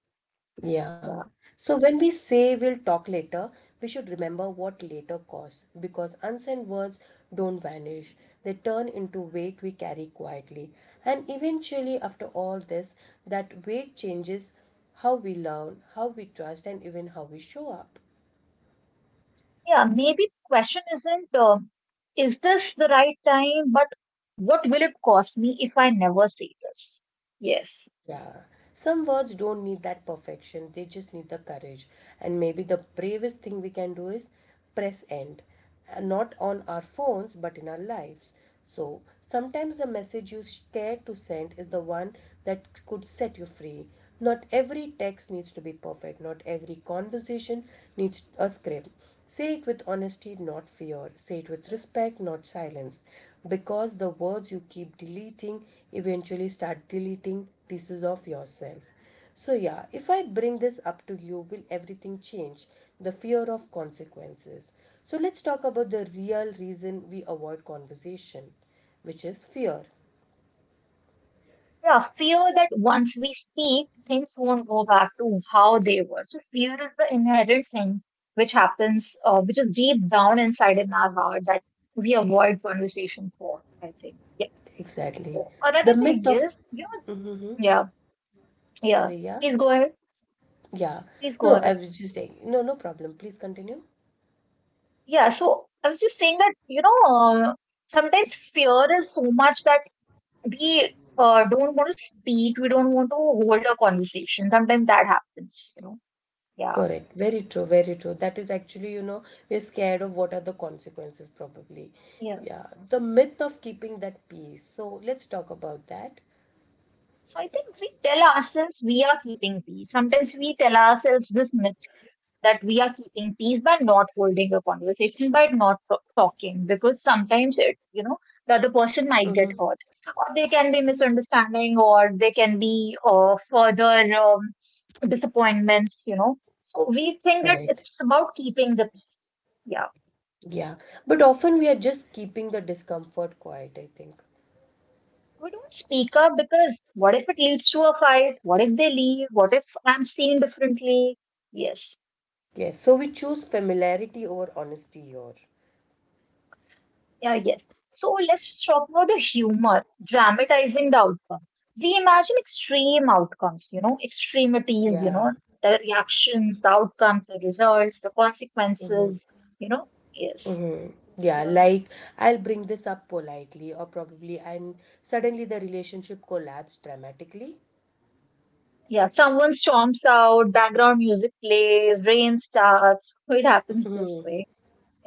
[SPEAKER 1] Yeah.
[SPEAKER 2] Yeah.
[SPEAKER 1] So when we say we'll talk later, we should remember what later costs, because unsent words don't vanish. They turn into weight we carry quietly. And eventually, after all this, that weight changes how we learn, how we trust, and even how we show up.
[SPEAKER 2] Yeah. Maybe the question isn't, is this the right time? But what will it cost me if I never say this? Yes.
[SPEAKER 1] Yeah, some words don't need that perfection, they just need the courage. And maybe the bravest thing we can do is press end. Not on our phones, but in our lives. So sometimes the message you scared to send is the one that could set you free. Not every text needs to be perfect, not every conversation needs a script. Say it with honesty, not fear. Say it with respect, not silence. Because the words you keep deleting eventually start deleting pieces of yourself. So, yeah, if I bring this up to you, will everything change? The fear of consequences. So, let's talk about the real reason we avoid conversation, which is fear.
[SPEAKER 2] Yeah, fear that once we speak, things won't go back to how they were. So fear is the inherent thing which happens, which is deep down inside in our heart that we avoid conversation for, I think. Yeah.
[SPEAKER 1] Exactly.
[SPEAKER 2] So
[SPEAKER 1] The
[SPEAKER 2] another
[SPEAKER 1] myth
[SPEAKER 2] thing
[SPEAKER 1] of,
[SPEAKER 2] is, yeah, yeah,
[SPEAKER 1] sorry, yeah.
[SPEAKER 2] please go ahead.
[SPEAKER 1] Yeah.
[SPEAKER 2] Please go
[SPEAKER 1] No, I
[SPEAKER 2] ahead.
[SPEAKER 1] was just saying, no, no problem. Please continue.
[SPEAKER 2] Yeah, so I was just saying that, sometimes fear is so much that we don't want to speak, we don't want to hold a conversation. Sometimes that happens. Yeah.
[SPEAKER 1] Correct. Very true. Very true. That is actually, you know, we're scared of what are the consequences, probably.
[SPEAKER 2] Yeah.
[SPEAKER 1] Yeah. The myth of keeping that peace. So let's talk about that.
[SPEAKER 2] So I think we tell ourselves we are keeping peace. Sometimes we tell ourselves this myth that we are keeping peace by not holding a conversation, by not talking, because sometimes it, the other person might get
[SPEAKER 1] Mm-hmm.
[SPEAKER 2] hurt, or they can be misunderstanding, or they can be further disappointments, you know. So we think that
[SPEAKER 1] Correct.
[SPEAKER 2] it's about keeping the peace. Yeah.
[SPEAKER 1] Yeah. But often we are just keeping the discomfort quiet, I think.
[SPEAKER 2] We don't speak up because what if it leads to a fight? What if they leave? What if I'm seen differently? Yes.
[SPEAKER 1] Yes. So we choose familiarity over honesty here.
[SPEAKER 2] Yeah, yes. So let's talk about the humor, dramatizing the outcome. We imagine extreme outcomes, you know, extremities, you know,
[SPEAKER 1] Yeah.
[SPEAKER 2] the reactions, the outcomes, the results, the consequences, you know. Yes.
[SPEAKER 1] Mm-hmm. Yeah,
[SPEAKER 2] Yeah.
[SPEAKER 1] like I'll bring this up politely, or probably, and suddenly the relationship collapsed dramatically.
[SPEAKER 2] Yeah. Someone storms out, background music plays, rain starts. It happens this
[SPEAKER 1] Hmm.
[SPEAKER 2] way.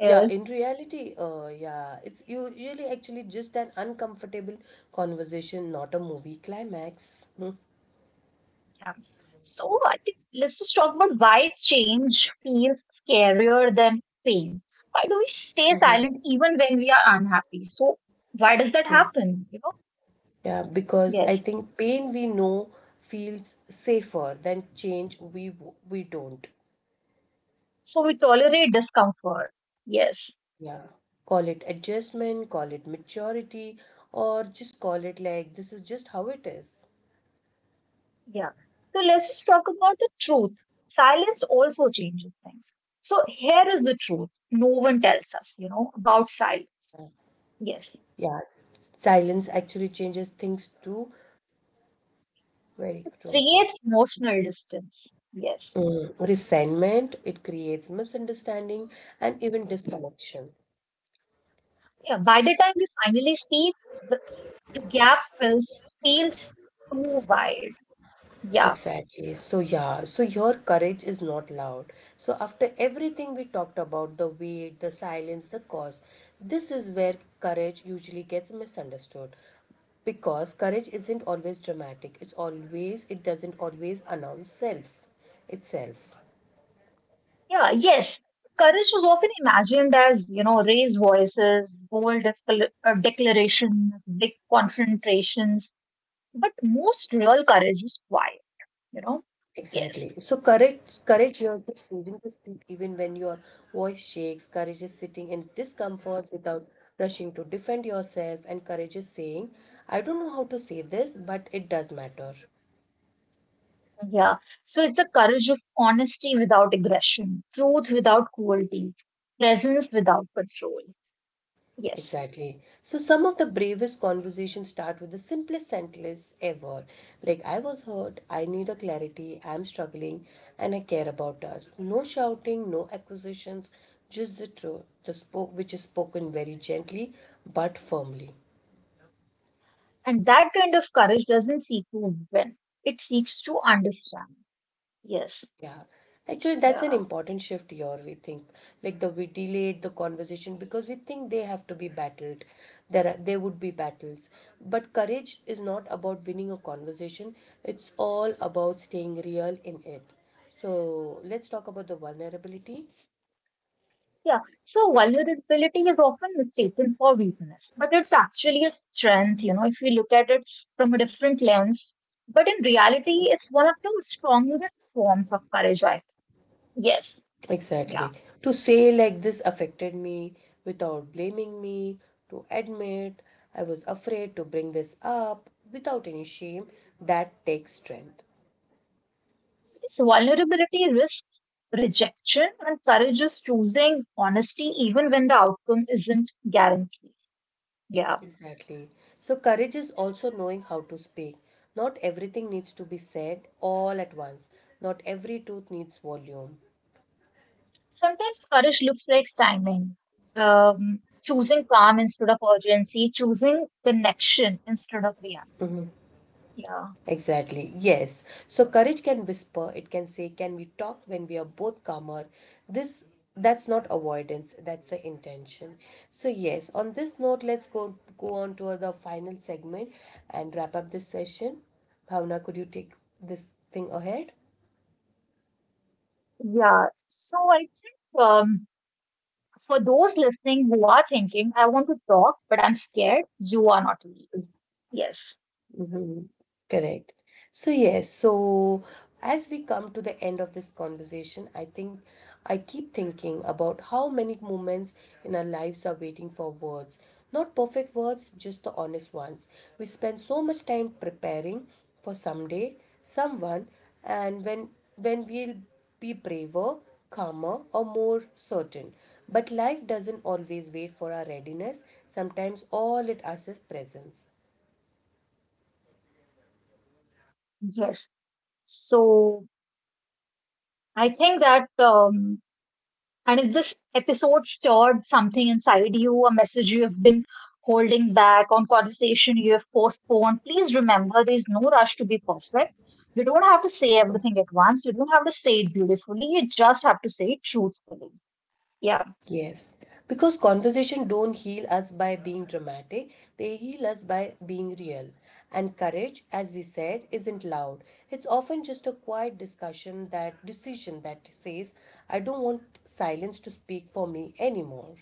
[SPEAKER 1] Yeah, in reality, yeah, it's usually actually just an uncomfortable conversation, not a movie climax. Hmm.
[SPEAKER 2] Yeah. So I think let's just talk about why change feels scarier than pain. Why do we stay
[SPEAKER 1] Mm-hmm.
[SPEAKER 2] silent even when we are unhappy? So why does that happen? You know?
[SPEAKER 1] Yeah, because I
[SPEAKER 2] Yes.
[SPEAKER 1] think pain we know feels safer than change we don't.
[SPEAKER 2] So we tolerate discomfort. Yes.
[SPEAKER 1] Yeah. Call it adjustment, call it maturity, or just call it like this is just how it is.
[SPEAKER 2] Yeah. So let's just talk about the truth. Silence also changes things. So here is the truth. No one tells us, about silence. Yes.
[SPEAKER 1] Yeah, silence actually changes things too. Very
[SPEAKER 2] It
[SPEAKER 1] true.
[SPEAKER 2] creates emotional distance. Yes.
[SPEAKER 1] Mm, resentment, it creates misunderstanding and even disconnection.
[SPEAKER 2] Yeah. By the time we finally speak, the gap feels too wide. Yeah,
[SPEAKER 1] Exactly. So, yeah, so your courage is not loud. So, after everything we talked about the weight, the silence, the cost, this is where courage usually gets misunderstood because courage isn't always dramatic. It's always, it doesn't always announce self itself.
[SPEAKER 2] yeah, yes. Courage was often imagined as raised voices, bold declarations, big confrontations, but most real courage is quiet. You know. Yes.
[SPEAKER 1] Exactly. So courage you're just choosing to speak even when your voice shakes. Courage is sitting in discomfort without rushing to defend yourself, and courage is saying, "I don't know how to say this, but it does matter."
[SPEAKER 2] Yeah. So it's a courage of honesty without aggression, truth without cruelty, presence without control. Yes.
[SPEAKER 1] Exactly. So some of the bravest conversations start with the simplest sentence ever, like "I was hurt. I need a clarity. I'm struggling, and I care about us." No shouting, no accusations, just the truth, the spoke which is spoken very gently but firmly.
[SPEAKER 2] And that kind of courage doesn't seek to win. It seeks to understand. Yes.
[SPEAKER 1] Yeah, actually, that's an
[SPEAKER 2] Yeah.
[SPEAKER 1] important shift here. We think like the we delayed the conversation because we think they have to be battled. There would be battles, but courage is not about winning a conversation. It's all about staying real in it. So let's talk about the vulnerability.
[SPEAKER 2] Yeah, so vulnerability is often mistaken for weakness, but it's actually a strength, you know, if we look at it from a different lens. But in reality, it's one of the strongest forms of courage, I think. Yes, yeah.
[SPEAKER 1] Exactly. To say like this affected me without blaming me, to admit I was afraid to bring this up without any shame, that takes strength.
[SPEAKER 2] So vulnerability risks rejection, and courage is choosing honesty even when the outcome isn't guaranteed. Yeah.
[SPEAKER 1] Exactly. So, courage is also knowing how to speak. Not everything needs to be said all at once. Not every truth needs volume.
[SPEAKER 2] Sometimes courage looks like timing, choosing calm instead of urgency, choosing connection instead of reaction. Yeah.
[SPEAKER 1] Exactly. Yes. So, courage can whisper. It can say, "Can we talk when we are both calmer?" This that's not avoidance. That's the intention. So, yes. On this note, let's go on to the final segment and wrap up this session. Bhavna, could you take this thing ahead?
[SPEAKER 2] Yeah, so I think for those listening who are thinking, I want to talk, but I'm scared, you are not weak. Yes,
[SPEAKER 1] Mhm. Correct. So, yes, so as we come to the end of this conversation, I think I keep thinking about how many moments in our lives are waiting for words. Not perfect words, just the honest ones. We spend so much time preparing for someday, someone, and when we'll be braver, calmer, or more certain. But life doesn't always wait for our readiness. Sometimes all it asks is presence.
[SPEAKER 2] yes. So I think that, and if this episode stirred something inside you, a message you have been holding back on conversation you have postponed, please remember there's no rush to be perfect. You don't have to say everything at once, you don't have to say it beautifully, you just have to say it truthfully. Yeah.
[SPEAKER 1] Yes, because conversation don't heal us by being dramatic, they heal us by being real. And courage, as we said, isn't loud. It's often just a quiet discussion that decision that says, I don't want silence to speak for me anymore.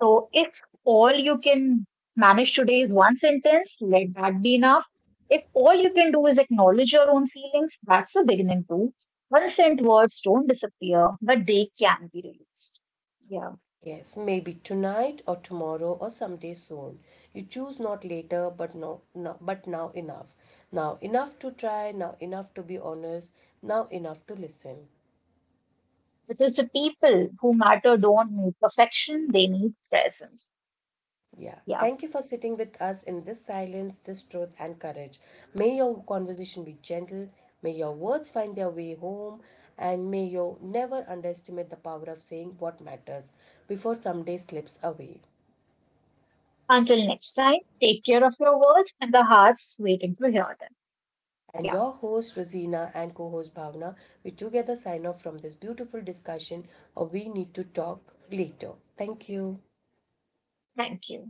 [SPEAKER 2] So if all you can manage today is one sentence, let that be enough. If all you can do is acknowledge your own feelings, that's a beginning too. One sent words don't disappear, but they can be released. Yeah.
[SPEAKER 1] Yes, maybe tonight or tomorrow or someday soon. You choose not later, but no, no, but now enough. Now enough to try, now enough to be honest, now enough to listen.
[SPEAKER 2] Because the people who matter don't need perfection, they need presence.
[SPEAKER 1] Yeah.
[SPEAKER 2] Yeah.
[SPEAKER 1] Thank you for sitting with us in this silence, this truth, and courage. May your conversation be gentle, may your words find their way home, and may you never underestimate the power of saying what matters before someday slips away.
[SPEAKER 2] Until next time, take care of your words and the hearts waiting to hear them.
[SPEAKER 1] And
[SPEAKER 2] Yeah.
[SPEAKER 1] your host, Rosina, and co host, Bhavna, we together sign off from this beautiful discussion of We Need to Talk Later. Thank you.
[SPEAKER 2] Thank you.